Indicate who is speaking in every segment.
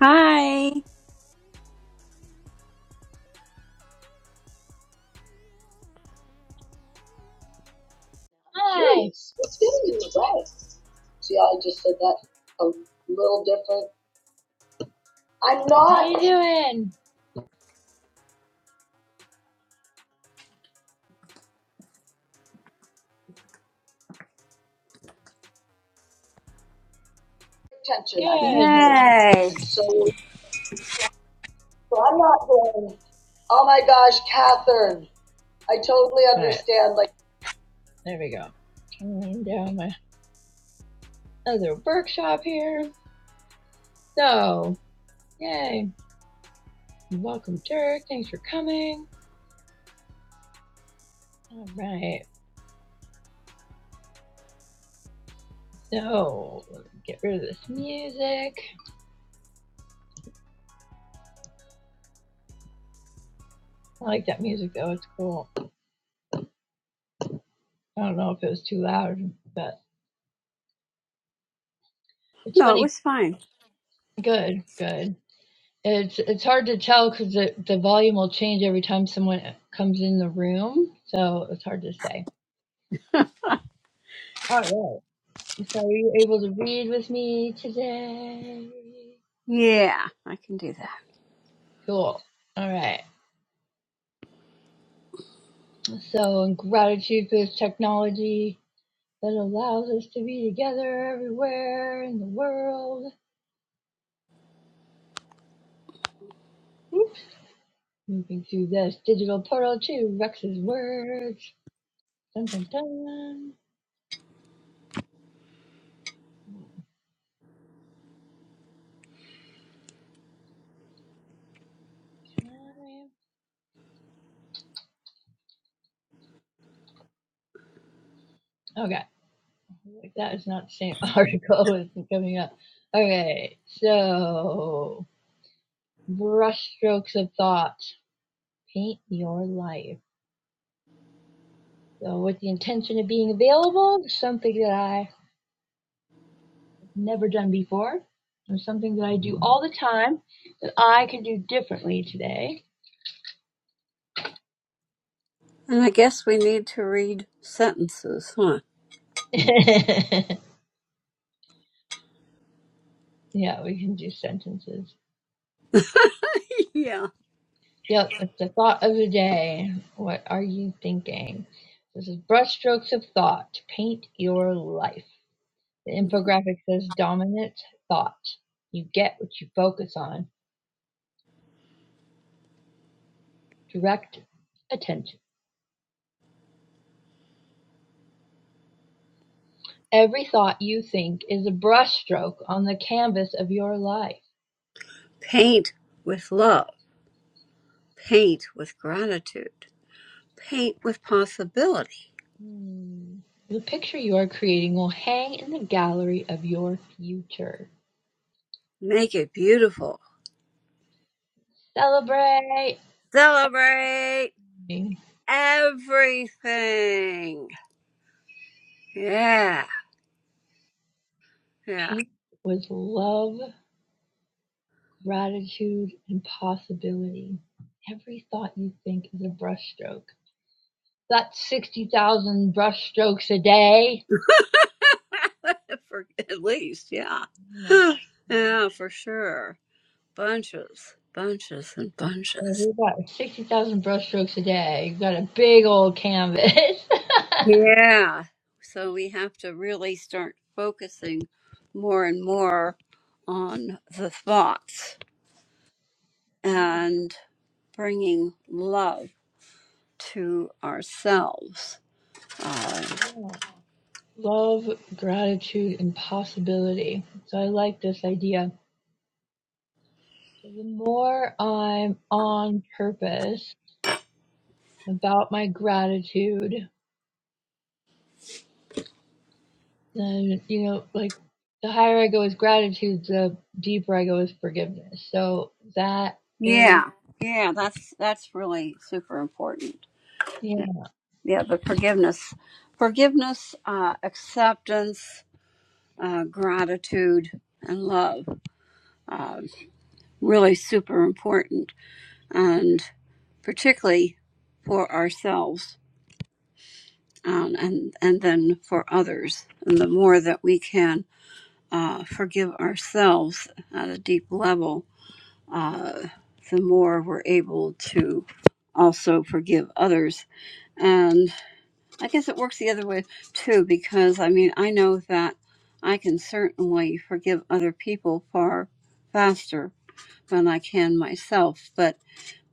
Speaker 1: Hi.
Speaker 2: Nice. It's getting in the way. See, I just said that a little different. I'm not. How you doing? tension. Good. I can feel it.
Speaker 1: Yay.
Speaker 2: And so, so I'm not going, oh my gosh, Catherine. I totally right. understand. Right. Like, There we go. Turning down my other workshop here. So, yay. Welcome, Dirk. Thanks for coming. All right. So, get rid of this music. I like that music though, it's cool. I don't know if it was too loud, but it's
Speaker 1: No, it
Speaker 2: funny.
Speaker 1: was fine.
Speaker 2: Good, good. It's it's hard to tell because the, the volume will change every time someone comes in the room, so it's hard to say. All right. So are you able to read with me today?
Speaker 1: Yeah, I can do that.
Speaker 2: Cool. All right. So in gratitude for this technology that allows us to be together everywhere in the world. Oops. Moving through this digital portal to Rex's words. Dun dun dun. Okay, like that is not the same article as coming up. Okay, so brushstrokes of thought paint your life. So, with the intention of being available, something that I have never done before, or something that I do all the time that I can do differently today.
Speaker 1: And I guess we need to read sentences, huh?
Speaker 2: yeah, we can do sentences.
Speaker 1: Yeah.
Speaker 2: Yep, it's the thought of the day. What are you thinking? This is brushstrokes of thought. Paint your life. The infographic says dominant thought. You get what you focus on. Direct attention. Every thought you think is a brushstroke on the canvas of your life.
Speaker 1: Paint with love. Paint with gratitude. Paint with possibility.
Speaker 2: Hmm. The picture you are creating will hang in the gallery of your future.
Speaker 1: Make it beautiful.
Speaker 2: Celebrate!
Speaker 1: Celebrate everything. Yeah. Yeah.
Speaker 2: Paint with love gratitude and possibility. Every thought you think is a brushstroke. That's 60,000 brushstrokes a day.
Speaker 1: for, at least, yeah.
Speaker 2: Oh my goodness.
Speaker 1: yeah, for sure. Bunches, bunches, and
Speaker 2: So
Speaker 1: bunches.
Speaker 2: We've got 60,000 brushstrokes a day. You've got a big old canvas.
Speaker 1: Yeah. So we have to really start focusing more and more on the thoughts
Speaker 2: yeah,
Speaker 1: and bringing love to ourselves. Uh,
Speaker 2: yeah. Love, gratitude, and possibility. So I like this idea. So the more I'm on purpose about my gratitude, then you know like the higher i go with gratitude the deeper i go with forgiveness so that is
Speaker 1: yeah. Yeah. That's, that's really super important.
Speaker 2: yeah
Speaker 1: Yeah. yeah the forgiveness, forgiveness, uh, acceptance, uh, gratitude and love, uh, really super important and particularly for ourselves um, and and then for others and the more that we can uh, forgive ourselves at a deep level uh, the more we're able to also forgive others and i guess it works the other way too because i mean i know that i can certainly forgive other people far faster than i can myself but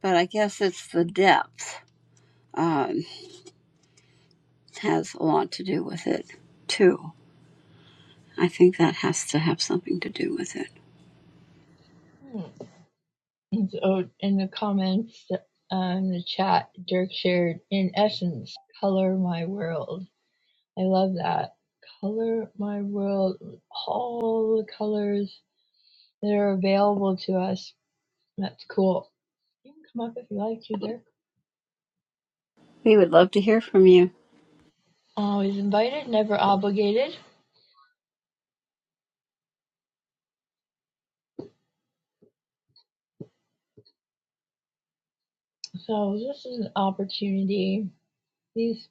Speaker 1: but i guess it's the depth Um, has a lot to do with it too. I think that has to have something to do with it.
Speaker 2: Hmm. and so in the comments uh, in the chat dirk shared in essence color my world i love that color my world with all the colors that are available to us that's cool you can come up if you like to dirk
Speaker 1: We would love to hear from you.
Speaker 2: always invited never obligated so this is an opportunity these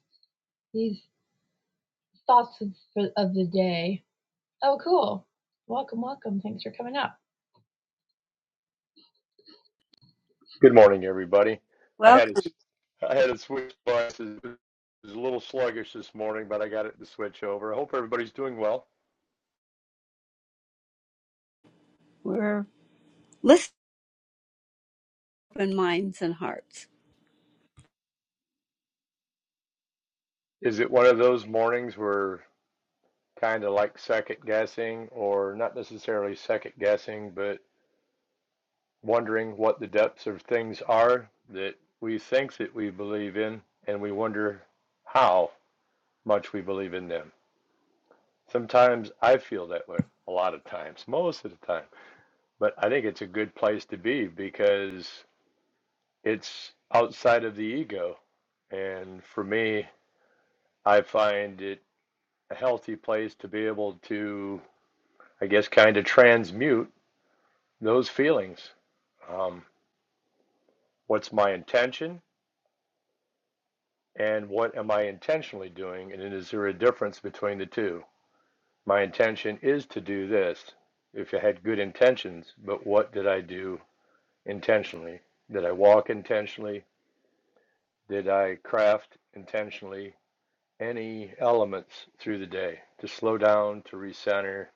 Speaker 2: these thoughts of, of the day. Oh, cool. Welcome, welcome. Thanks for coming up.
Speaker 3: Good morning, everybody. I had it,
Speaker 1: Welcome.
Speaker 3: I had it switch devices. It was a little sluggish this morning, but I got it to switch over. I hope everybody's doing well.
Speaker 1: We're listening open minds and hearts.
Speaker 3: Is it one of those mornings where kind of like second guessing, or not necessarily second guessing, but wondering what the depths of things are that we think that we believe in, and we wonder how much we believe in them? Sometimes I feel that way, a lot of times, most of the time. But I think it's a good place to be because it's outside of the ego. And for me, I find it a healthy place to be able to, I guess, kind of transmute those feelings. Um, what's my intention and what am I intentionally doing? And is there a difference between the two? My intention is to do this if I had good intentions, but what did I do intentionally? Did I walk intentionally? Did I craft intentionally? any elements through the day to slow down, to recenter.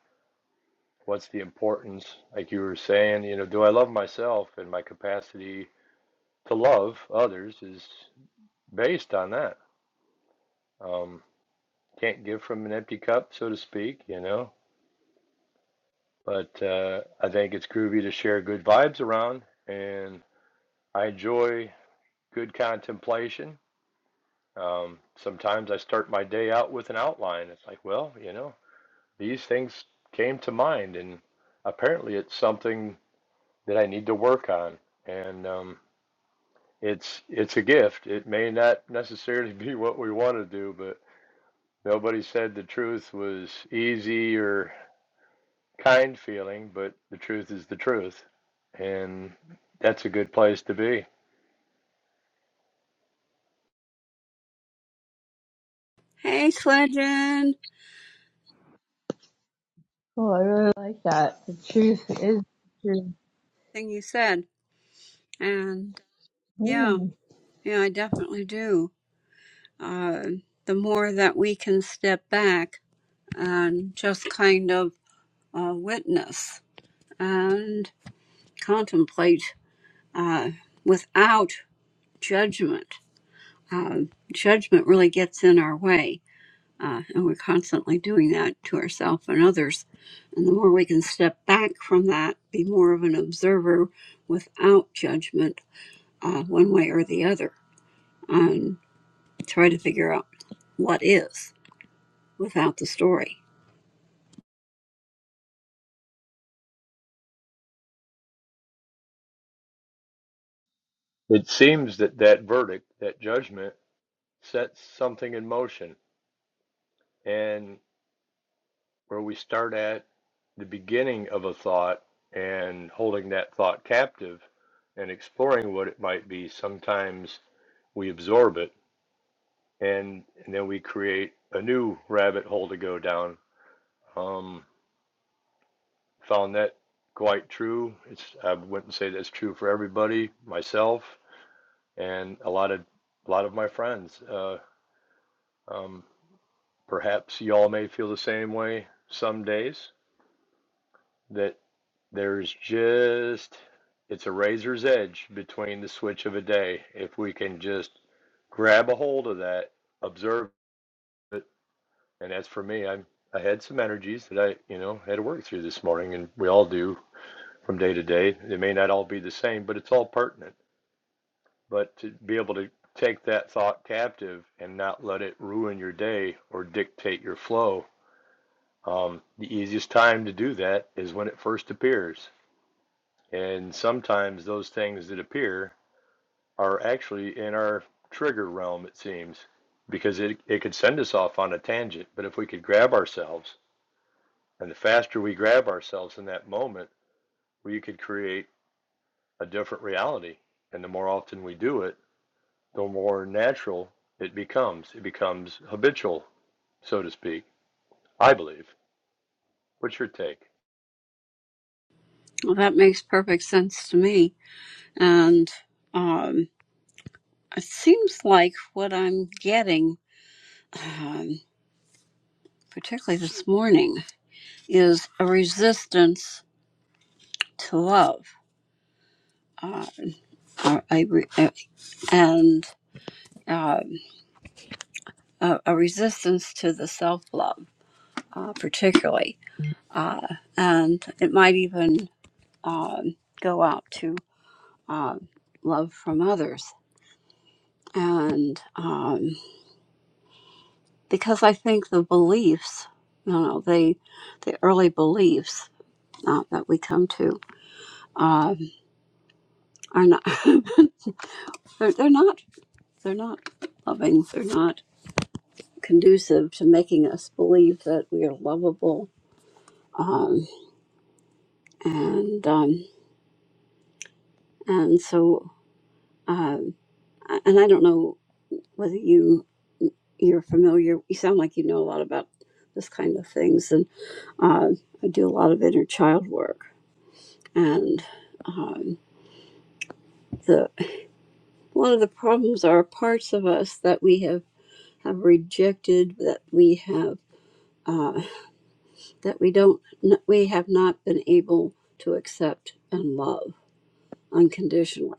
Speaker 3: What's the importance? Like you were saying, you know, do I love myself and my capacity to love others is based on that. Um, can't give from an empty cup, so to speak, you know. But uh, I think it's groovy to share good vibes around, and I enjoy good contemplation. Um, sometimes I start my day out with an outline. It's like, well, you know, these things came to mind, and apparently it's something that I need to work on. And um, it's it's a gift. It may not necessarily be what we want to do, but nobody said the truth was easy or kind feeling, but the truth is the truth, and that's a good place to be.
Speaker 1: Hey, Sledgen.
Speaker 2: Oh, I really like that. The truth is true.
Speaker 1: Thing you said, and yeah,
Speaker 2: Mm.
Speaker 1: yeah, I definitely do. Uh, the more that we can step back and just kind of uh, witness and contemplate uh, without judgment uh, judgment really gets in our way. Uh, and we're constantly doing that to ourselves and others. And the more we can step back from that, be more of an observer without judgment, uh, one way or the other, and try to figure out what is without the story.
Speaker 3: It seems that that verdict, that judgment, sets something in motion. And where we start at the beginning of a thought and holding that thought captive and exploring what it might be. Sometimes we absorb it and, and then we create a new rabbit hole to go down. Um, found that quite true. It's I wouldn't say that's true for everybody, myself and a lot of a lot of my friends. Uh, um, perhaps y'all may feel the same way some days that. There's just, it's a razor's edge between the switch of a day. If we can just grab a hold of that, observe it, and as for me, I'm I had some energies that I, you know, had to work through this morning, and we all do from day to day. They may not all be the same, but it's all pertinent. But to be able to take that thought captive and not let it ruin your day or dictate your flow, um, the easiest time to do that is when it first appears. And sometimes those things that appear are actually in our trigger realm, it seems, because it, it could send us off on a tangent. But if we could grab ourselves, and the faster we grab ourselves in that moment, we could create a different reality. And the more often we do it, the more natural it becomes. It becomes habitual, so to speak, I believe. What's your take?
Speaker 1: Well, that makes perfect sense to me. And um, it seems like what I'm getting, um, particularly this morning, is a resistance to love uh, a, a and um, a, a resistance to the self love, uh, particularly. Uh, and it might even um, go out to um, love from others. And um, because I think the beliefs, you know, they, the early beliefs uh, that we come to um, are not, they're, they're not, they're not loving, they're not conducive to making us believe that we are lovable um, and um, and so um, and I don't know whether you you're familiar. You sound like you know a lot about this kind of things, and uh, I do a lot of inner child work. And um, the one of the problems are parts of us that we have have rejected, that we have uh, that we don't we have not been able to accept and love unconditionally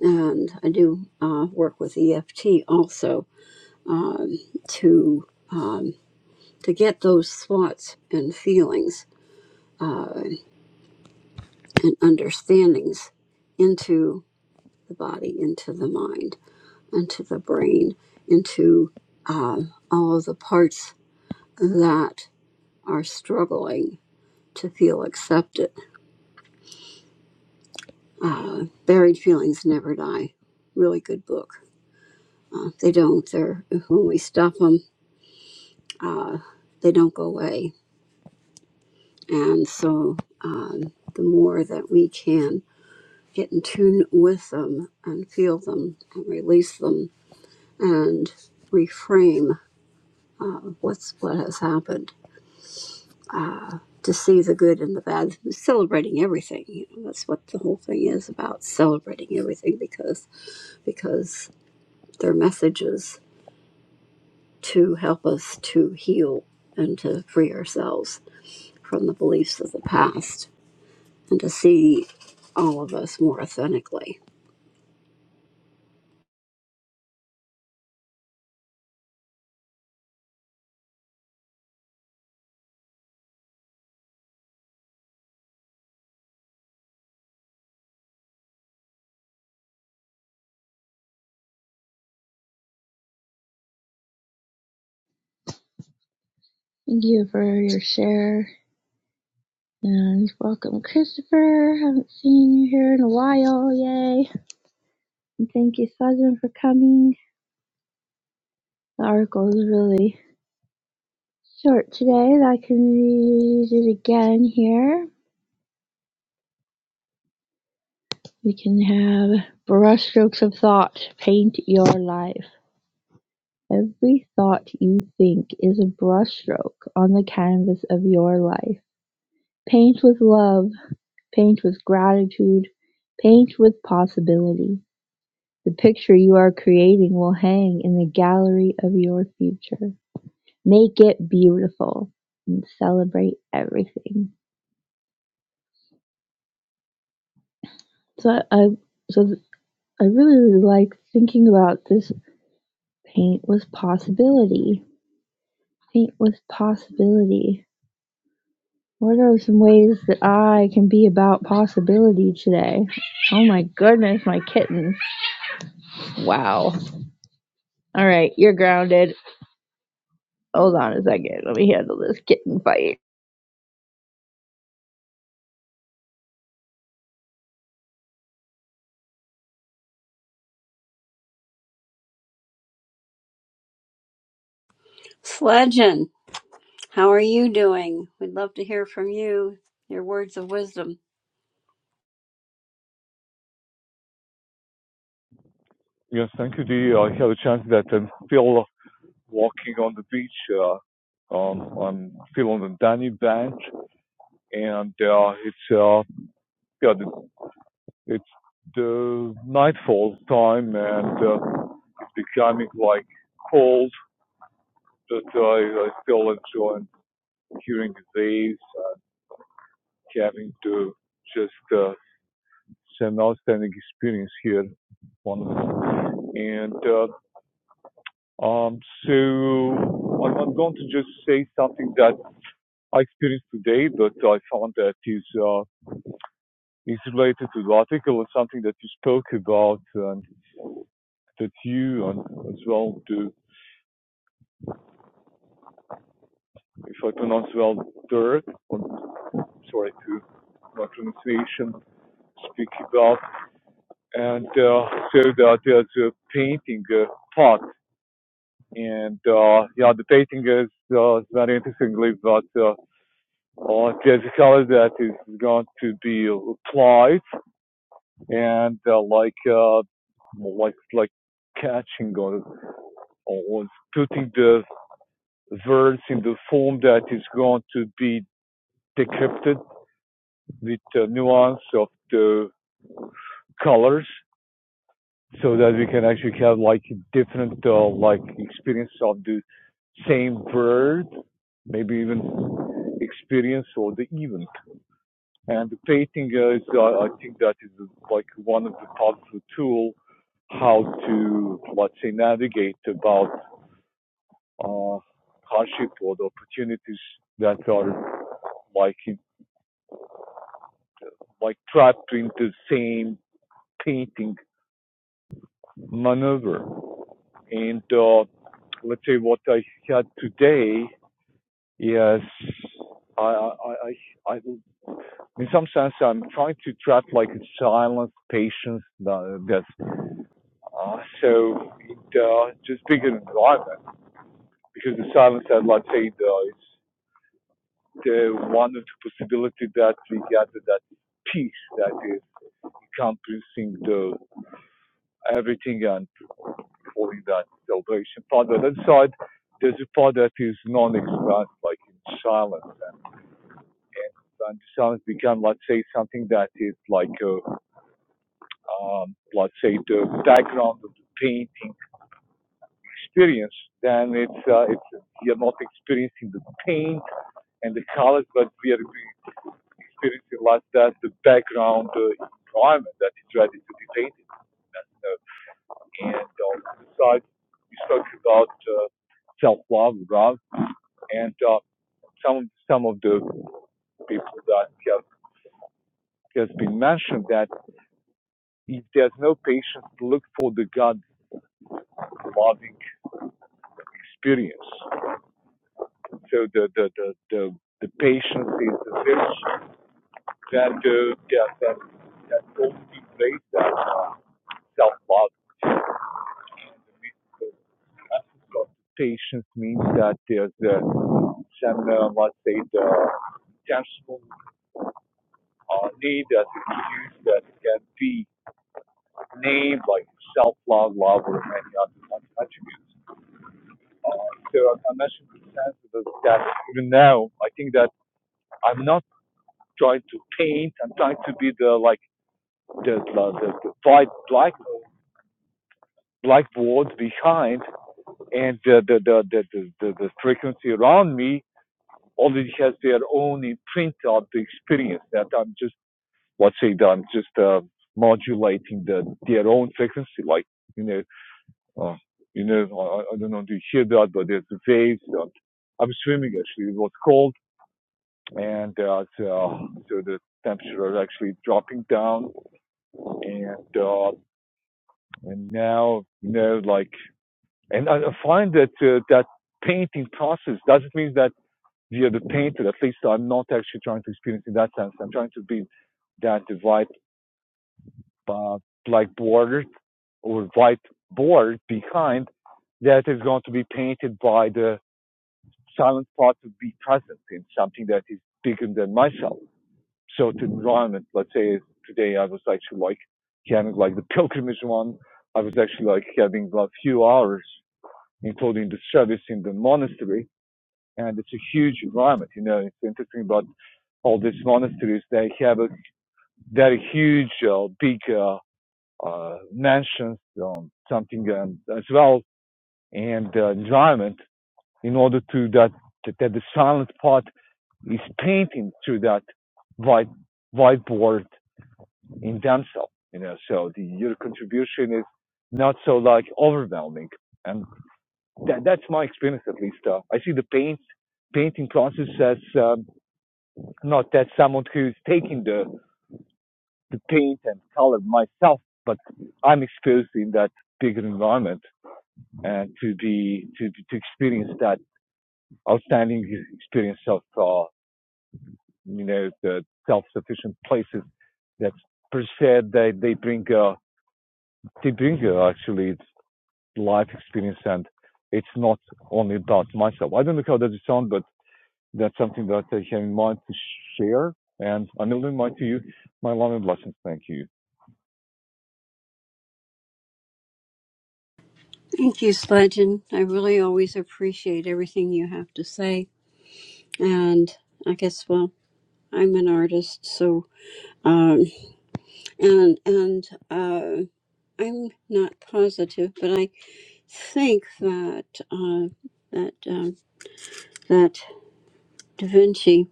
Speaker 1: and I do uh, work with EFT also um, to um, to get those thoughts and feelings uh, and understandings into the body, into the mind, into the brain, into um all of the parts that are struggling to feel accepted. Uh, Buried feelings never die. Really good book. Uh, they don't. They're when we stop them. Uh, they don't go away And so um, the more that we can get in tune with them and feel them and release them and reframe uh, what's what has happened to see the good and the bad, celebrating everything. You know, that's what the whole thing is about celebrating everything because because they're messages to help us to heal and to free ourselves from the beliefs of the past and to see all of us more authentically
Speaker 2: Thank you for your share. And welcome, Christopher. Haven't seen you here in a while. Yay. And thank you, Sajan, for coming. The article is really short today. I can read it again here. We can have brushstrokes of thought paint your life. Every thought you think is a brushstroke on the canvas of your life. Paint with love, paint with gratitude, paint with possibility. The picture you are creating will hang in the gallery of your future. Make it beautiful and celebrate everything. So I, so th- I really really like thinking about this paint with possibility. Paint with possibility What are some ways that I can be about possibility today? Oh my goodness, my kitten. Wow. All right, you're grounded. Hold on a second. Let me handle this kitten fight.
Speaker 1: Sledgen, how are you doing? We'd love to hear from you, your words of wisdom.
Speaker 4: Yes, thank you, Dee. I had a chance that I'm still walking on the beach. Uh, um, I'm still on the Danny Bank, and uh, it's uh, yeah, it's the nightfall time, and uh, it's becoming like cold. But I, I still enjoy hearing the waves, uh, having to just uh, an outstanding experience here. Wonderful. And uh, um, so I'm, I'm going to just say something that I experienced today, but I found that is uh, is related to the article and something that you spoke about and that you and as well do, if I pronounce well, Dirk, sorry to my pronunciation, speak about. And uh, so that there's a painting uh, part. And uh, yeah, the painting is uh, very interestingly, but uh, uh, there's a color that is going to be applied and uh, like uh, like like catching on or putting the words in the form that is going to be decrypted with the nuance of the colors so that we can actually have like different uh, like experience of the same word maybe even experience or the even And the painting is, uh, I think that is uh, like one of the powerful tools how to, let's say, navigate about uh, hardship or the opportunities that are like in, like trapped into the same painting maneuver. And uh, let's say what I had today is I, I, I, I, in some sense, I'm trying to trap like a silence, patience, uh, that that's Uh, so it, uh, just big an environment because the silent satellite saying uh, it's the one of the possibility that we gather that peace that is encompassing the everything and falling that salvation part. On the other side, there's a part that is non-expressed, like in silence. And, and silence become, let's say, something that is like, a, um, let's say, the background of the painting experience, then it's, uh, it's you're not experiencing the paint and the colors, but we are experiencing like that the background, the environment that is ready to be painted. And, uh, and uh, on the side, you talk about uh, self-love, love, and uh, some some of the people that have has been mentioned that if there's no patience, look for the God loving experience. So the the the the, the patience is the virtue that, uh, yeah, that, that only way that uh, self-love means uh, patience means that there's uh, some, uh, let's say, the intentional uh, need that is used that can be named like self-love, love, or many other attributes. Uh, so I mentioned the sense of that even now, I think that I'm not trying to paint, I'm trying to be the, like, the, the, the, the white black blackboard behind, and the the the the the, the, frequency around me already has their own imprint of the experience that I'm just let's say that I'm just uh, modulating the their own frequency, like you know, uh, you know, I, I don't know, do you hear that? But there's the waves. Uh, I'm swimming actually. It was cold, and uh, so, so the temperature is actually dropping down, and uh, and now you know, like. And I find that uh, that painting process doesn't mean that we are the painter. At least I'm not actually trying to experience in that sense. I'm trying to be that white uh, black border or white board behind that is going to be painted by the silent part to be present in something that is bigger than myself. So the environment, let's say today I was actually like having like the pilgrimage one. I was actually like having a few hours including the service in the monastery. And it's a huge environment. You know, it's interesting about all these monasteries. They have a very huge, uh, big uh, uh, mansions, um, something um, as well, and uh, environment in order to that, that that the silent part is painting through that white whiteboard in themselves. You know, so the your contribution is not so like overwhelming. and. that, that's my experience at least. Uh, I see the paint painting process as um, not that someone who's taking the the paint and color myself, but I'm exposed in that bigger environment and to be to to experience that outstanding experience of uh, you know the self sufficient places that per se they they bring uh, they bring uh, actually life experience and it's not only about myself. I don't know how does it sound, but that's something that I have in mind to share. And I'm really in mind to you, my love and blessings. Thank you.
Speaker 1: Thank you, Sledgen. I really always appreciate everything you have to say. And I guess, well, I'm an artist, so, um, and, and, uh, I'm not positive, but I think that, uh, that, um, that Da Vinci,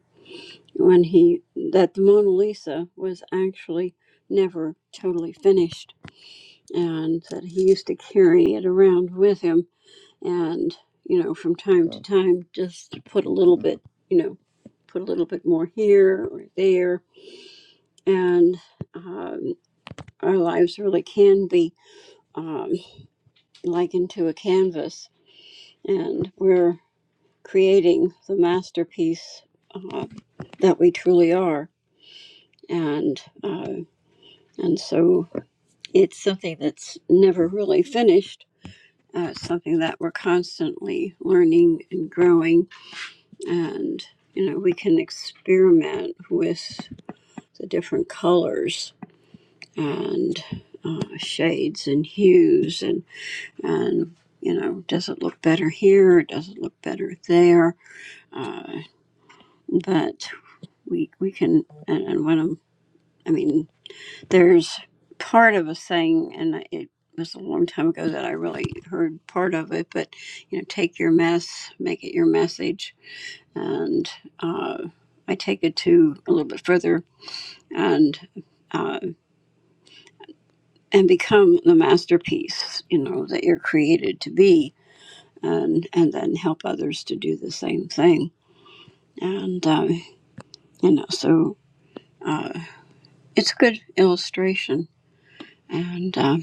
Speaker 1: when he, that the Mona Lisa was actually never totally finished and that he used to carry it around with him and you know from time to time just to put a little bit you know put a little bit more here or there and um, our lives really can be um, likened to a canvas and we're creating the masterpiece uh, that we truly are and uh, and so it's something that's never really finished Uh, something that we're constantly learning and growing. And, you know, we can experiment with the different colors and uh, shades and hues and, and, you know, does it look better here? Does it look better there? Uh, but we, we can, and, and when I'm, I mean, There's part of a saying, and it was a long time ago that I really heard part of it, but you know, take your mess, make it your message. And uh, I take it to a little bit further and uh, and become the masterpiece, you know, that you're created to be, and and then help others to do the same thing. And uh, you know, so it's a good illustration. And uh,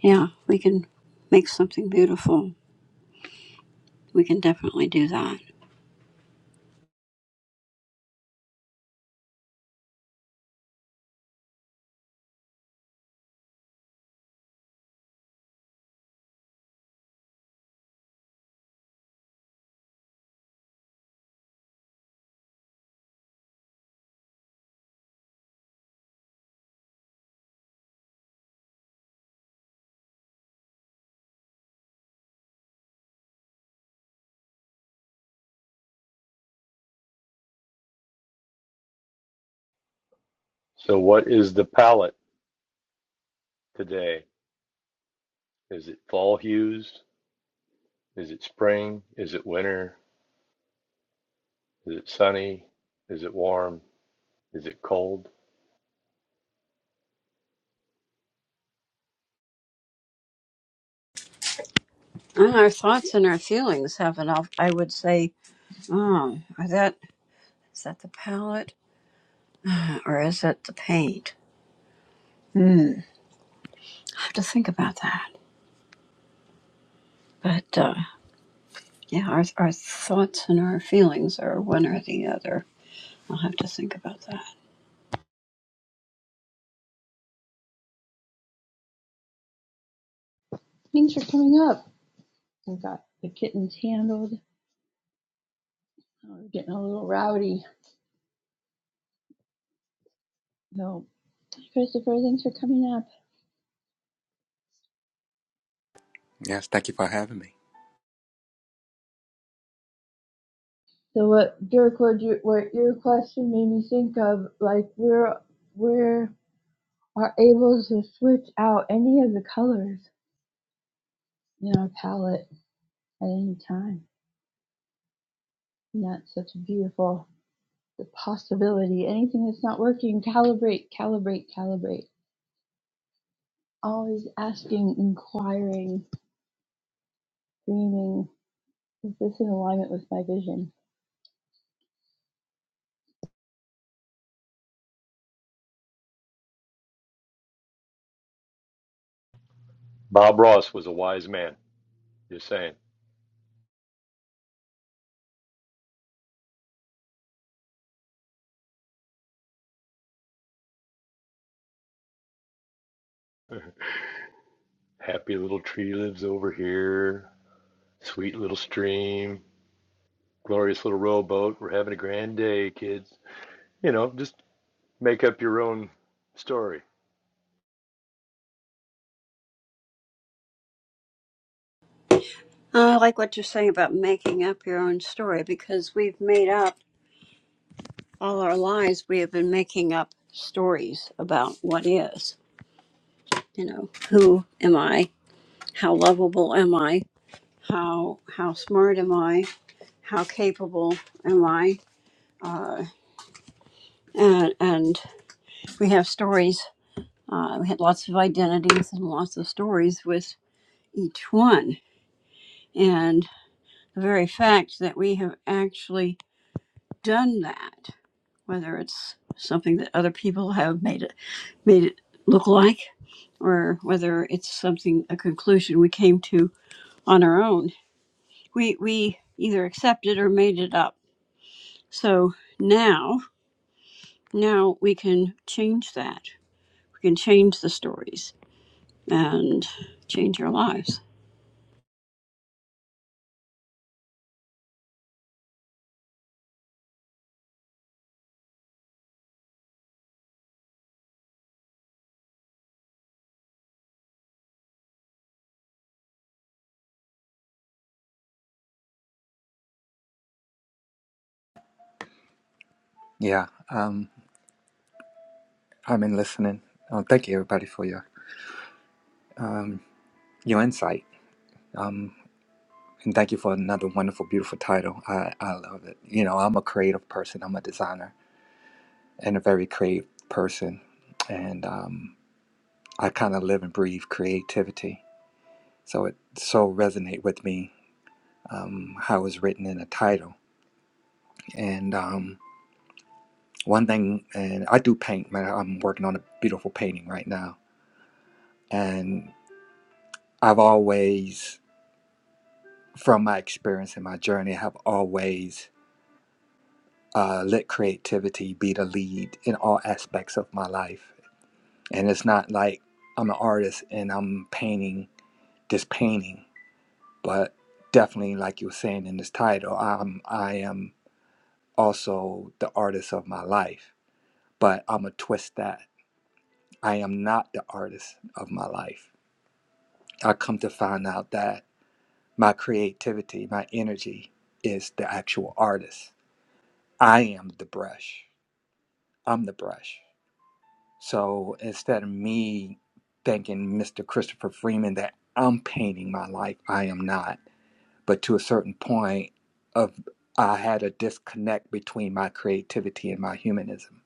Speaker 1: yeah, we can make something beautiful We can definitely do that.
Speaker 3: So, what is the palette today? Is it fall hues? Is it spring? Is it winter? Is it sunny? Is it warm? Is it cold?
Speaker 1: And our thoughts and our feelings have an, I would say, oh, are that, is that the palette or is it the paint? Hmm. I have to think about that. But uh, yeah, our, our thoughts and our feelings are one or the other. I'll have to think about that.
Speaker 2: Things are coming up. I've got the kittens handled. Oh, We're getting a little rowdy. No, Christopher, things are coming up.
Speaker 5: Yes, thank you for having me.
Speaker 2: So what, Dirk, what, you, what your question made me think of, like we're we're are able to switch out any of the colors in our palette at any time And that's such a beautiful the possibility. Anything that's not working, calibrate, calibrate, calibrate. Always asking, inquiring, dreaming. Is this in alignment with my vision?
Speaker 3: Bob Ross was a wise man. Just saying. Happy little tree lives over here. Sweet little stream. Glorious little rowboat. We're having a grand day, kids. You know, just make up your own story.
Speaker 1: Uh, I like what you're saying about making up your own story because we've made up all our lives. We have been making up stories about what is. You know, who am I? How lovable am I? how how smart am I? How capable am I? Uh, and, and we have stories. Uh, we had lots of identities and lots of stories with each one. And the very fact that we have actually done that, whether it's something that other people have made it made it look like, or whether it's something a conclusion we came to on our own, we we either accepted or made it up. So now Now we can change that. We can change the stories and change our lives.
Speaker 5: Yeah, um, I've been listening. Uh, thank you, everybody, for your um, your insight. Um, and thank you for another wonderful, beautiful title. I, I love it. You know, I'm a creative person. I'm a designer and a very creative person, and um, I kind of live and breathe creativity. So it so resonate with me um, how it's written in the title. And um, one thing, and I do paint. Man, I'm working on a beautiful painting right now, and I've always from my experience and my journey, have always uh, let creativity be the lead in all aspects of my life. And it's not like I'm an artist and I'm painting this painting, but definitely, like you were saying in this title, I'm I am also the artist of my life. But I'm a twist that I am not the artist of my life. I come to find out that my creativity, my energy, is the actual artist. I am the brush I'm the brush. So instead of me thanking Mr. Christopher Freeman that I'm painting my life, I am not. But to a certain point of I had a disconnect between my creativity and my humanism.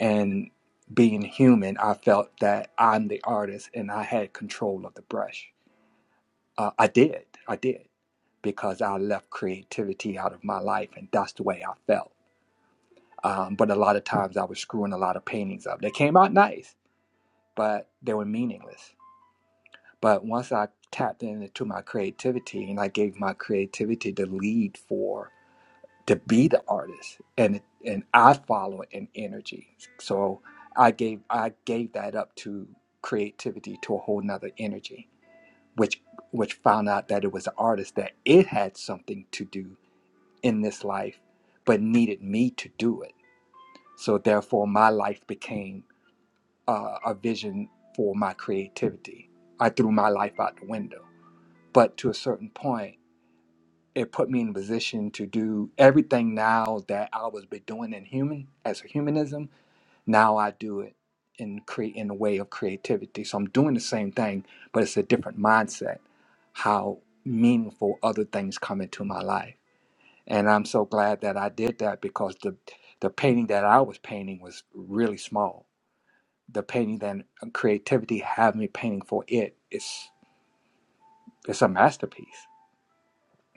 Speaker 5: And being human, I felt that I'm the artist and I had control of the brush. Uh, I did. I did. Because I left creativity out of my life and that's the way I felt. Um, but a lot of times I was screwing a lot of paintings up. They came out nice but they were meaningless. But once I tapped into my creativity and I gave my creativity the lead for to be the artist, and and I follow an energy. So I gave I gave that up to creativity to a whole nother energy, which which found out that it was the artist that it had something to do in this life, but needed me to do it. So therefore, my life became uh, a vision for my creativity. I threw my life out the window. But to a certain point, it put me in a position to do everything now that I was been doing in human as a humanism. Now I do it in create in a way of creativity. So I'm doing the same thing, but it's a different mindset. How meaningful other things come into my life, and I'm so glad that I did that because the the painting that I was painting was really small the painting that creativity have me painting for it it's it's a masterpiece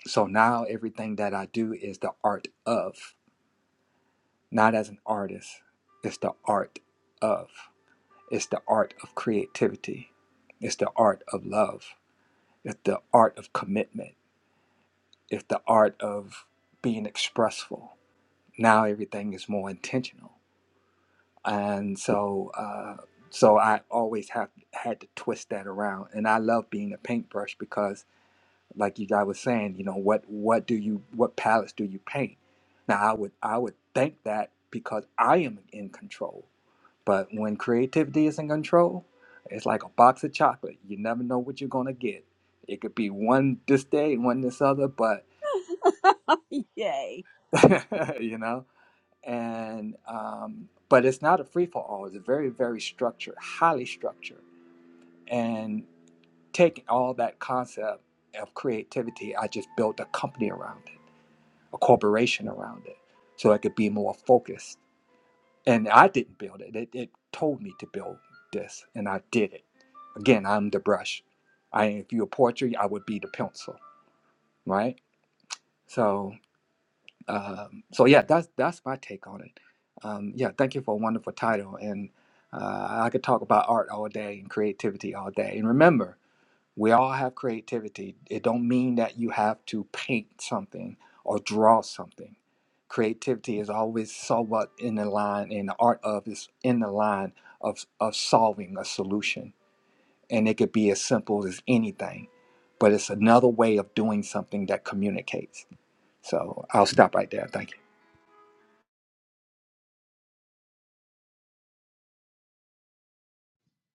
Speaker 5: so now everything that i do is the art of not as an artist it's the art of it's the art of creativity it's the art of love it's the art of commitment it's the art of being expressful now everything is more intentional and so uh so i always have had to twist that around and i love being a paintbrush because like you guys was saying, you know, what what do you what palettes do you paint? Now I would I would think that because I am in control. But when creativity is in control, it's like a box of chocolate. You never know what you're gonna get. It could be one this day and one this other, but
Speaker 1: Yay.
Speaker 5: you know, and um, but it's not a free for all. It's a very very structured, highly structured, and taking all that concept of creativity, I just built a company around it a corporation around it so I could be more focused. And I didn't build it. It, it told me to build this, and I did it. Again, I'm the brush. I, if you're a portrait, I would be the pencil, right? So, um, so yeah, that's that's my take on it. Um, yeah, thank you for a wonderful title, and uh, I could talk about art all day and creativity all day. And remember, we all have creativity. It don't mean that you have to paint something or draw something. Creativity is always somewhat in the line, and the art of is in the line of, of solving a solution. And it could be as simple as anything, but it's another way of doing something that communicates. So I'll stop right there. Thank you.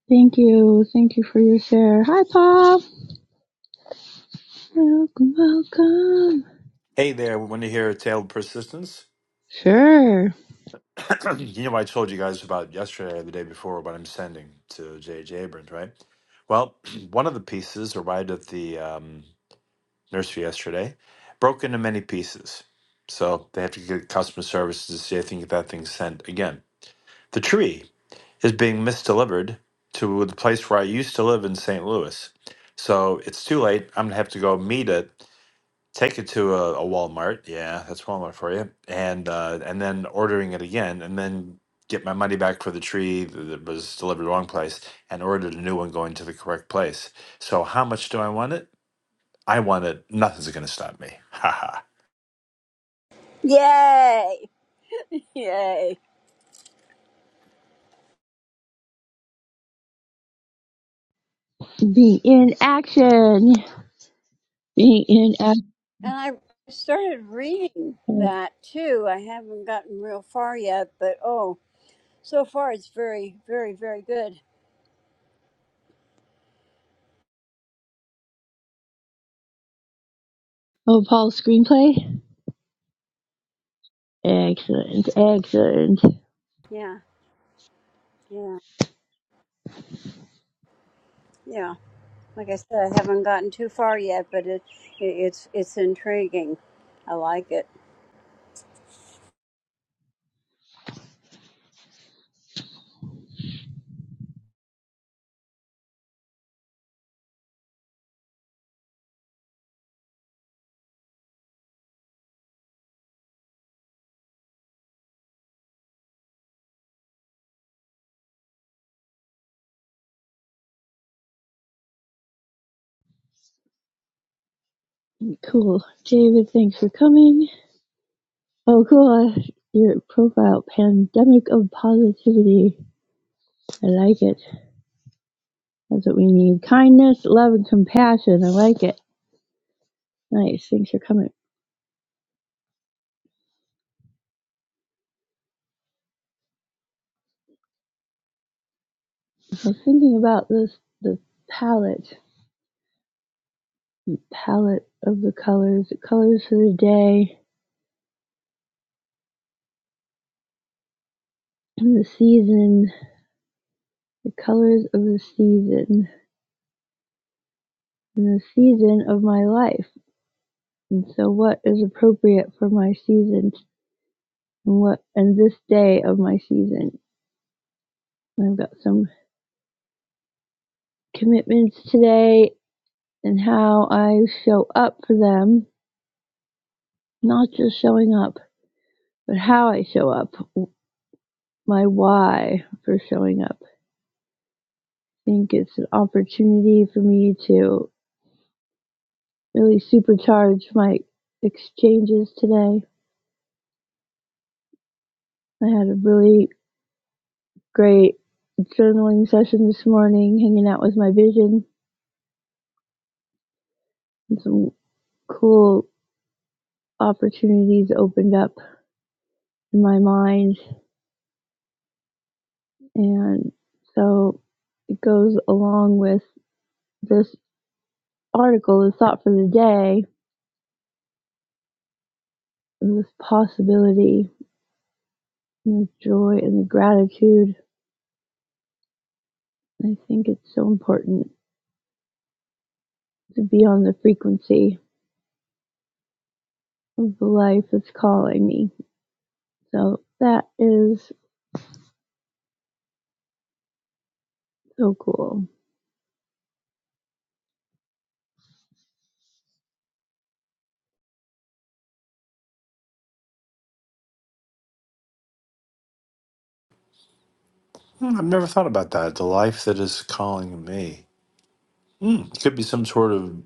Speaker 2: Thank you. Thank you for your share. Hi, Pop. Welcome, welcome.
Speaker 6: Hey there, we want to hear a tale of persistence.
Speaker 2: Sure.
Speaker 6: you know, I told you guys about yesterday or the day before what I'm sending to J.J. Abrams, right? Well, one of the pieces arrived at the um, nursery yesterday, broke into many pieces. So they have to get customer services to see, if they can get that thing sent again. The tree is being misdelivered to the place where I used to live in St. Louis. So it's too late. I'm going to have to go meet it Take it to a, a Walmart. Yeah, that's Walmart for you. And uh, and then ordering it again, and then get my money back for the tree th- that was delivered wrong place, and ordered a new one going to the correct place. So how much do I want it? I want it. Nothing's going to stop me. Ha ha.
Speaker 1: Yay. Yay.
Speaker 2: Be in action. Be in
Speaker 1: And I started reading
Speaker 2: action.
Speaker 1: that too. I haven't gotten real far yet, but oh, so far it's very, very, very good.
Speaker 2: Oh, Paul's screenplay? Excellent, excellent.
Speaker 1: Yeah. Yeah. Yeah. Like I said, I haven't gotten too far yet, but it, it it's it's intriguing. I like it.
Speaker 2: Cool. David, thanks for coming. Oh gosh, your profile, pandemic of positivity. I like it. That's what we need. Kindness, love, and compassion. I like it. Nice. Thanks for coming. I was thinking about this the palette, palette of the colors, the colors for the day, and the season, the colors of the season, and the season of my life. And so, what is appropriate for my season, and what and this day of my season? I've got some commitments today and how I show up for them, not just showing up, but how I show up, my why for showing up. I think it's an opportunity for me to really supercharge my exchanges today. I had a really great journaling session this morning, hanging out with my vision, and some cool opportunities opened up in my mind. And so it goes along with this article the thought for the day and this possibility and the joy and the gratitude. I think it's so important to be on the frequency of the life that's calling me. So that is so cool.
Speaker 6: Hmm, I've never thought about that. The life that is calling me. Hmm, it could be some sort of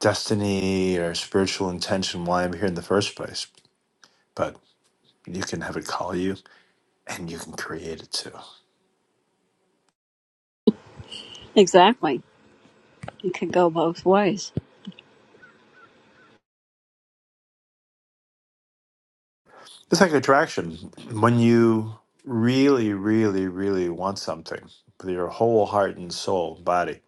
Speaker 6: destiny or spiritual intention why I'm here in the first place. But you can have it call you, and you can create it too.
Speaker 1: Exactly. It could go both ways.
Speaker 6: It's like attraction. When you really, really, really want something with your whole heart and soul, body,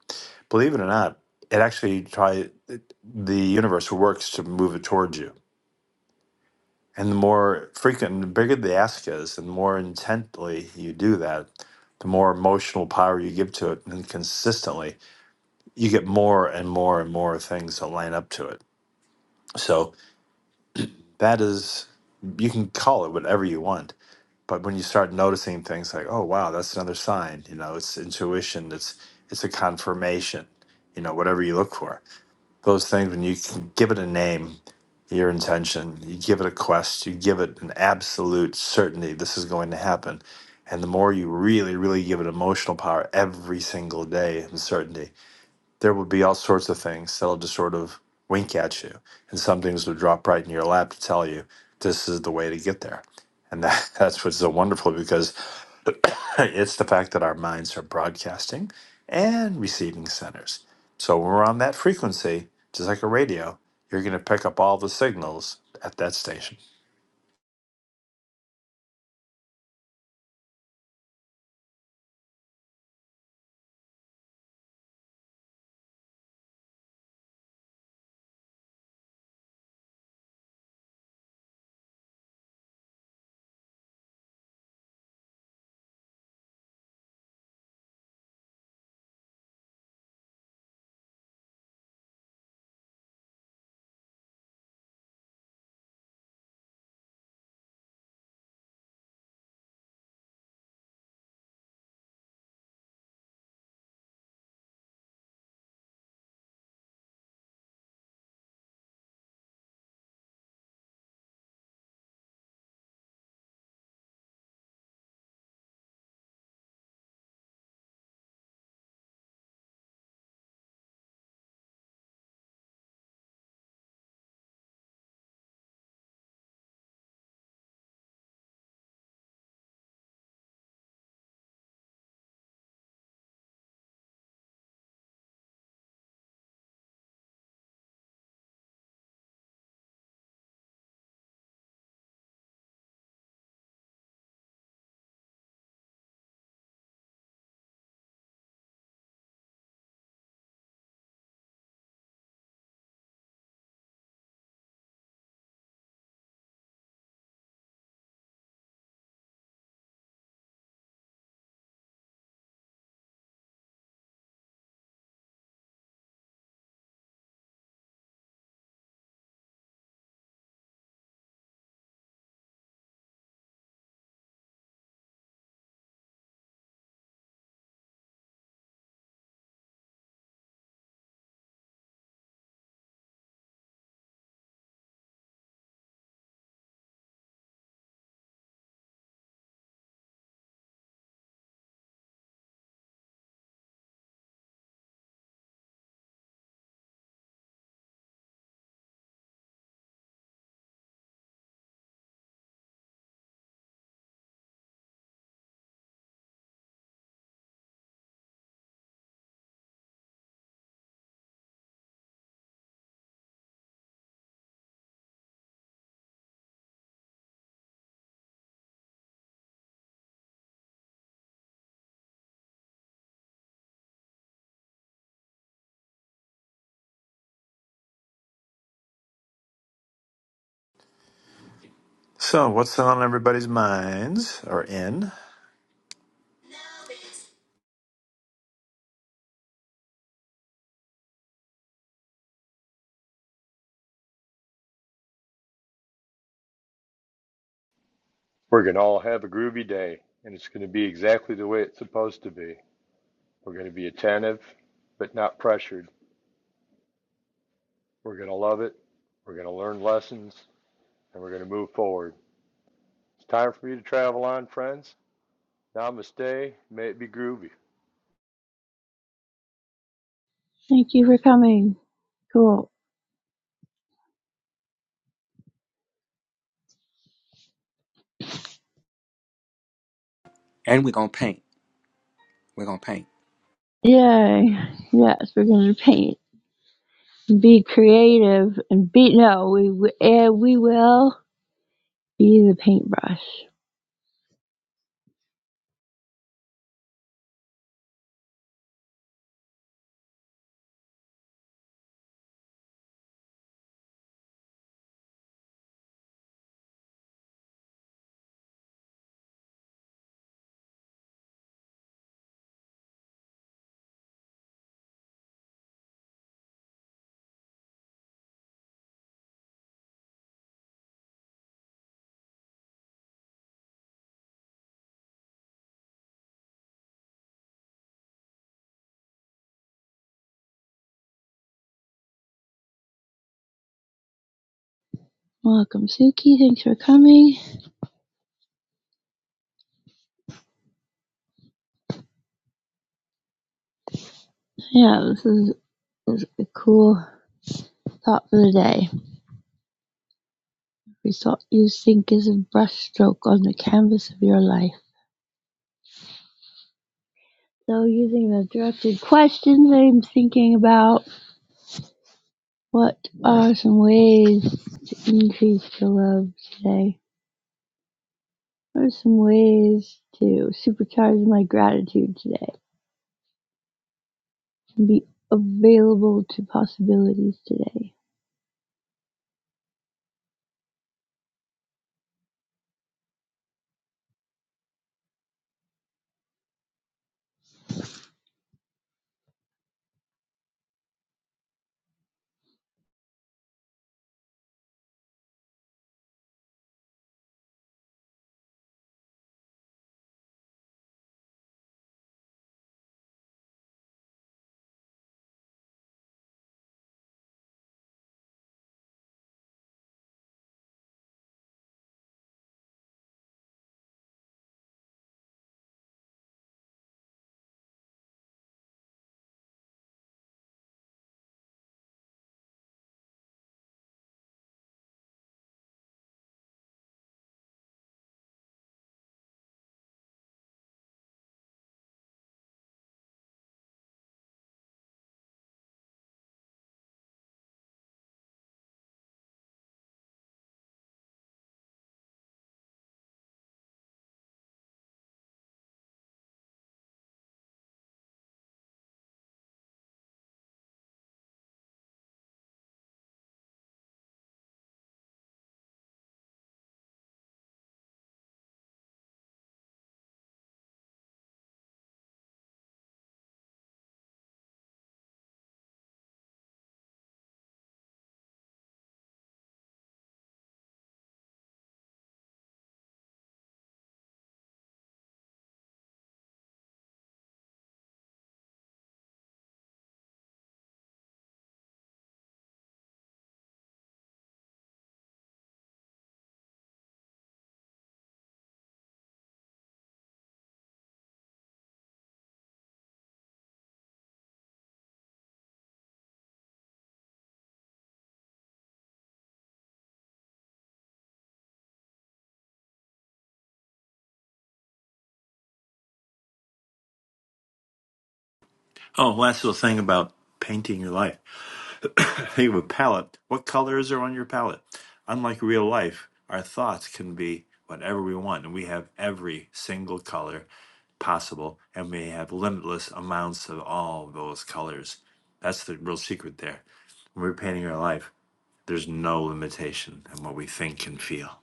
Speaker 6: believe it or not, it actually try it- the universe works to move it towards you. And the more frequent, the bigger the ask is, and the more intently you do that, the more emotional power you give to it, and consistently, you get more and more and more things that line up to it. So that is, you can call it whatever you want but when you start noticing things like oh wow that's another sign you know it's intuition it's it's a confirmation you know whatever you look for those things when you can give it a name your intention you give it a quest you give it an absolute certainty this is going to happen and the more you really really give it emotional power every single day and certainty there would be all sorts of things that'll just sort of wink at you. And some things would drop right in your lap to tell you this is the way to get there. And that, that's what's so wonderful because it's the fact that our minds are broadcasting and receiving centers. So when we're on that frequency, just like a radio, you're going to pick up all the signals at that station. So what's on everybody's minds or in?
Speaker 3: We're going to all have a groovy day, and it's going to be exactly the way it's supposed to be. We're going to be attentive, but not pressured. We're going to love it. We're going to learn lessons, and we're going to move forward. It's time for you to travel on, friends. Namaste. May it be groovy.
Speaker 2: Thank you for coming. Cool.
Speaker 5: And we're going to paint. We're going to paint.
Speaker 2: Yay. Yes, we're going to paint. Be creative and be, no, we, we, eh, we will be the paintbrush. Welcome, Suki. Thanks for coming. Yeah, this is, is a cool thought for the day. Every thought you think is a brushstroke on the canvas of your life. So, using the directed questions I'm thinking about, What are some ways to increase the love today? What are some ways to supercharge my gratitude today? To be available to possibilities today.
Speaker 6: Oh, last little thing about painting your life. I think of a palette. What colors are on your palette? Unlike real life, our thoughts can be whatever we want, and we have every single color possible, and we have limitless amounts of all those colors. That's the real secret there. When we're painting our life, there's no limitation in what we think and feel.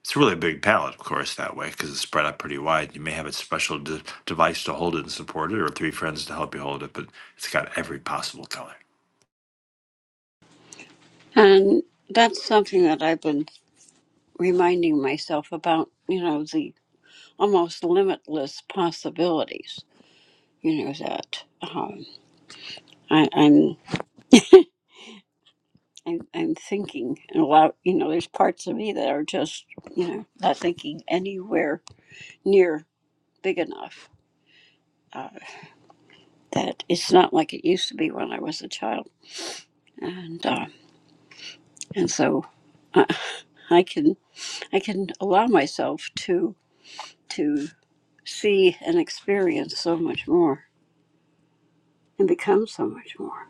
Speaker 6: It's a really big palette, of course, that way, because it's spread out pretty wide. You may have a special de- device to hold it and support it, or three friends to help you hold it, but it's got every possible color.
Speaker 1: And that's something that I've been reminding myself about, you know, the almost limitless possibilities, you know, that um, I, I'm, I'm, I'm thinking and allow, you know, there's parts of me that are just, you know, not thinking anywhere near big enough. Uh, that it's not like it used to be when I was a child, and uh, and so I, I can I can allow myself to to see and experience so much more and become so much more.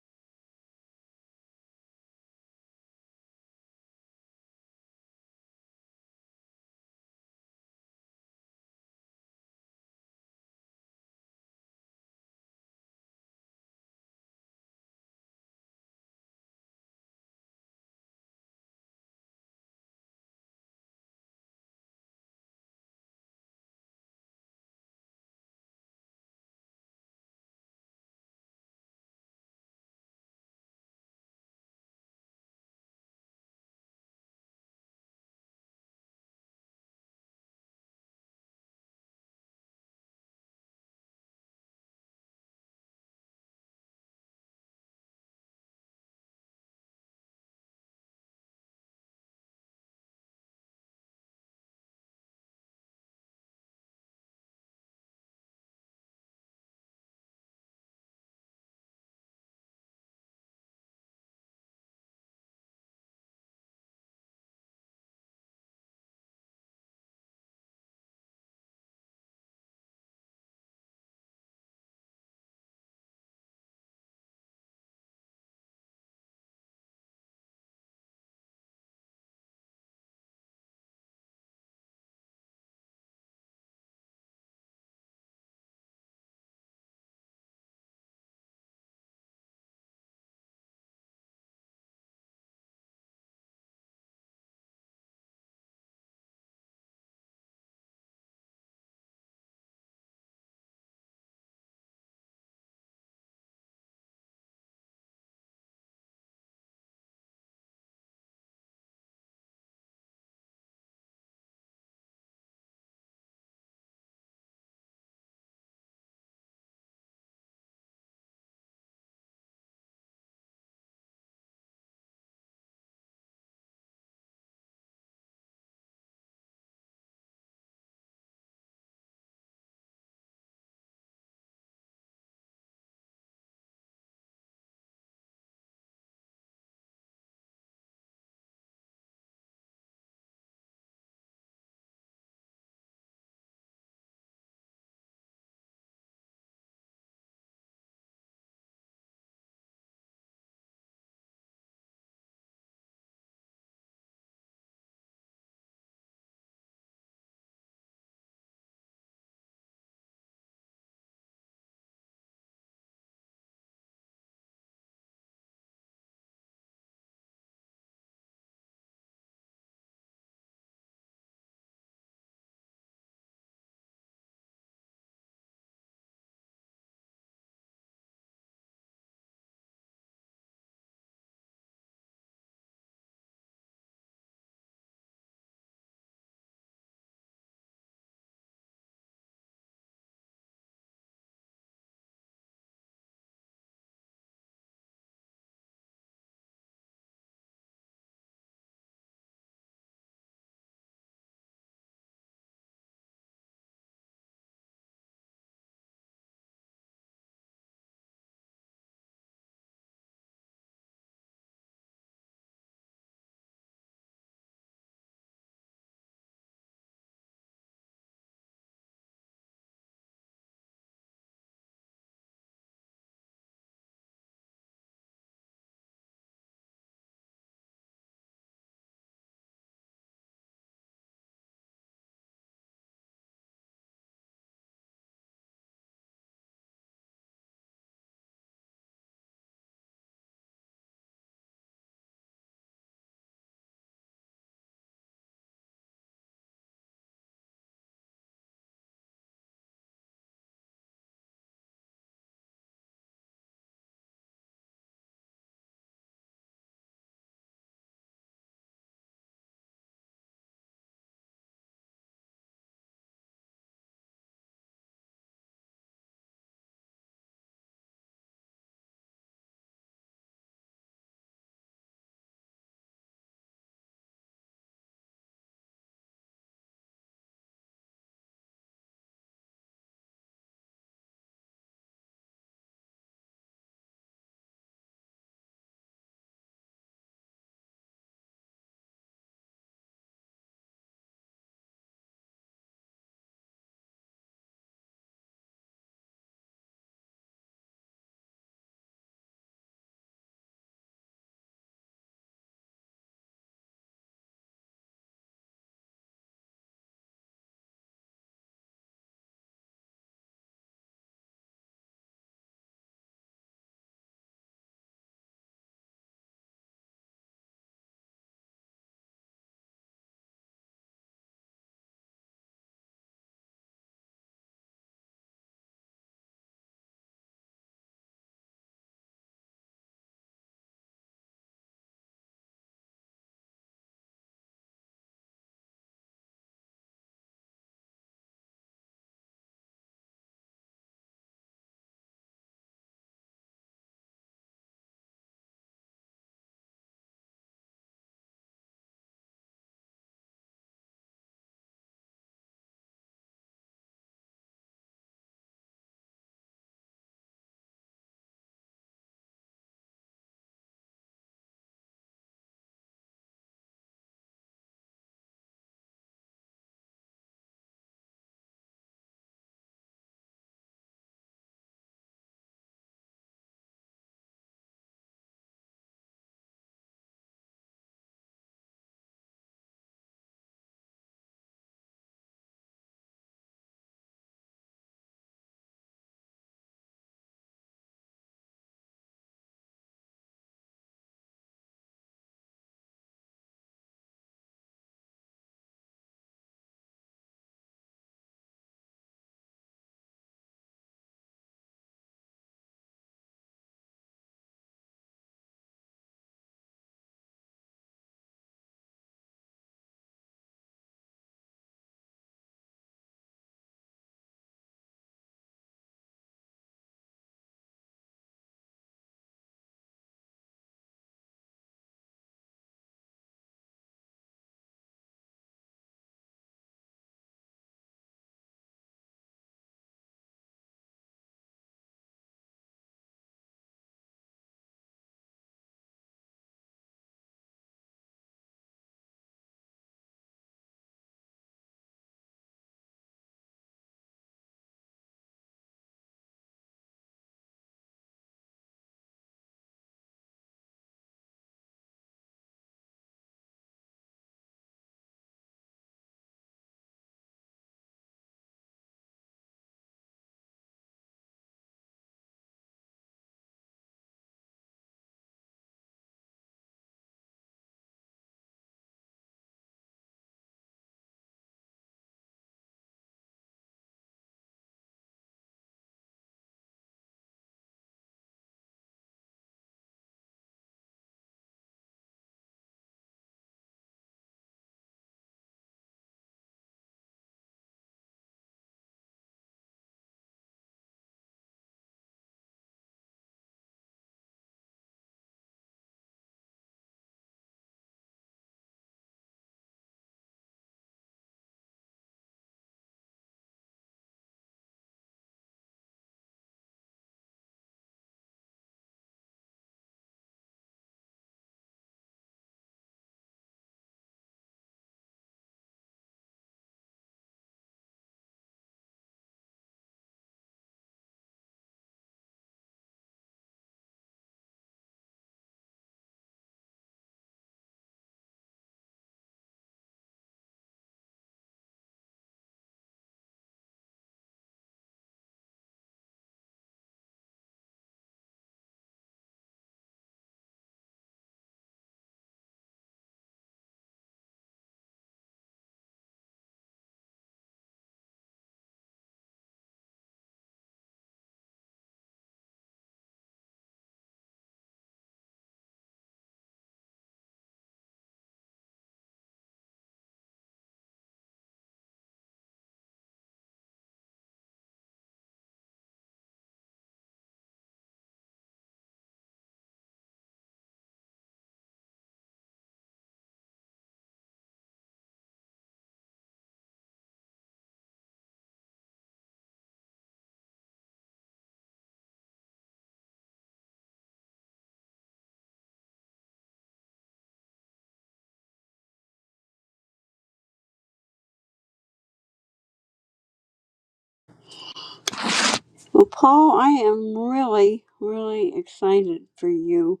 Speaker 1: Well, Paul, I am really, really excited for you,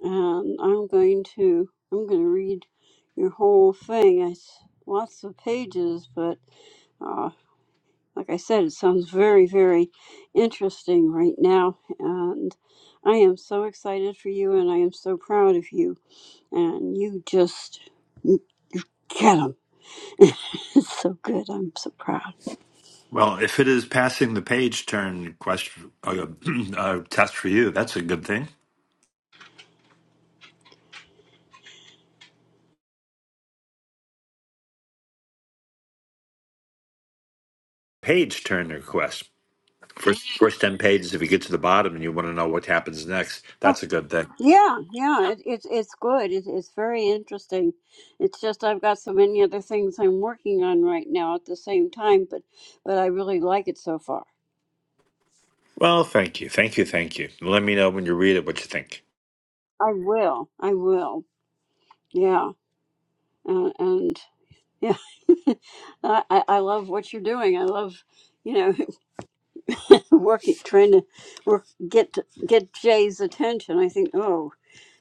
Speaker 1: and I'm going to I'm going to read your whole thing. It's lots of pages, but uh, like I said, it sounds very, very interesting right now, and I am so excited for you, and I am so proud of you, and you just you get them. it's so good. I'm so proud.
Speaker 6: Well, if it is passing the page turn question uh, uh, test for you, that's a good thing. Page turn request. First, first 10 pages, if you get to the bottom and you want to know what happens next, that's a good thing.
Speaker 1: Yeah, yeah, it, it's it's good. It, it's very interesting. It's just I've got so many other things I'm working on right now at the same time, but but I really like it so far.
Speaker 6: Well, thank you. Thank you. Thank you. Let me know when you read it what you think.
Speaker 1: I will. I will. Yeah, and, and yeah, I I I love what you're doing. I love you know working, trying to work get get Jay's attention. I think oh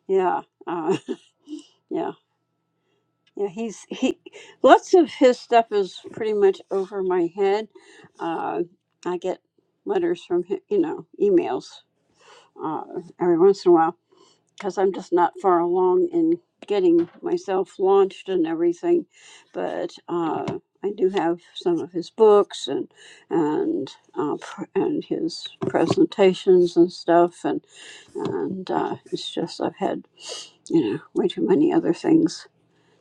Speaker 1: yeah, uh, yeah. Yeah, he's he. Lots of his stuff is pretty much over my head. Uh, I get letters from him, you know, emails uh, every once in a while because I'm just not far along in getting myself launched and everything. But uh, I do have some of his books and and uh, pr- and his presentations and stuff, and and uh, it's just I've had you know way too many other things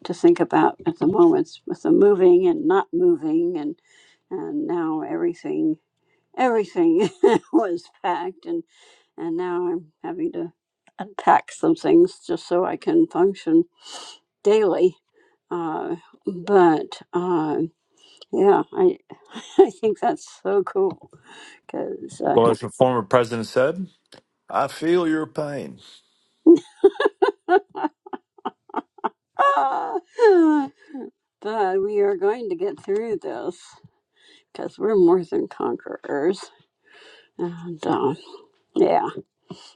Speaker 1: to think about at the moment with the moving and not moving and and now everything everything was packed and and now i'm having to unpack some things just so i can function daily uh, but uh, yeah i i think that's so cool because uh,
Speaker 6: Well, as the former president said, I feel your pain.
Speaker 1: ah, but we are going to get through this because we're more than conquerors and uh, yeah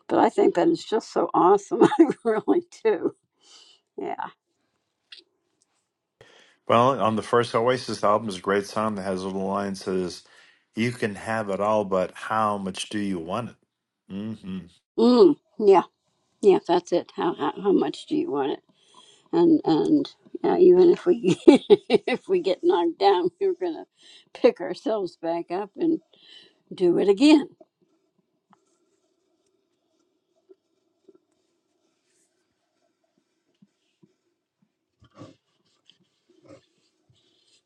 Speaker 1: But I think that is just so awesome. I really do. Yeah.
Speaker 6: well, on the first Oasis album is a great song that has a little line that says, You can have it all, but how much do you want it? hmm
Speaker 1: Mm, yeah. Yeah. That's it. How, how how much do you want it? And and yeah, even if we if we get knocked down, we're gonna pick ourselves back up and do it again.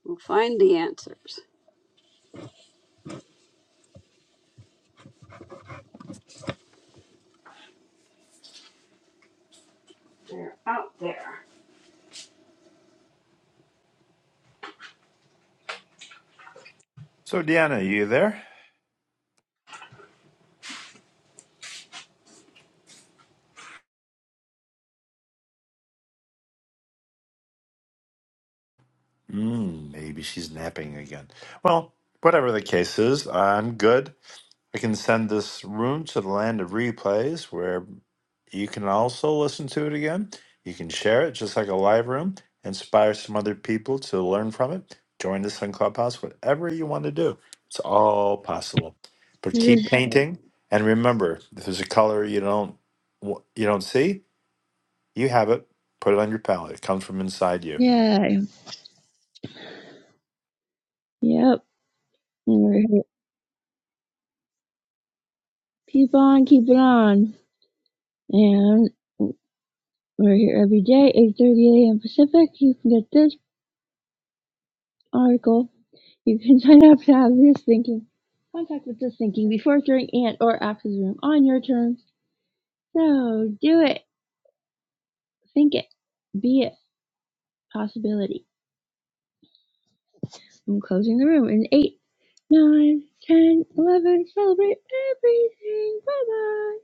Speaker 1: We'll find the answers. They're out there.
Speaker 6: So, Deanna, you there? Mm, maybe she's napping again. Well, whatever the case is, I'm good. I can send this room to the land of replays where you can also listen to it again. You can share it just like a live room, inspire some other people to learn from it. Join us on Clubhouse, whatever you want to do. It's all possible. But
Speaker 2: Yeah.
Speaker 6: keep painting and remember if there's a color you don't wa- you don't see, you have it. Put it on your palette. It comes from inside you.
Speaker 2: Yep. And we're here. Keep on, keep it on. And we're here every day, 8.30 a.m. Pacific. You can get this article. You can sign up to have this thinking. Contact with this thinking before, during, and or after the room on your terms. So do it. Think it. Be it. Possibility. I'm closing the room in eight, nine, ten, eleven. Celebrate everything. Bye bye.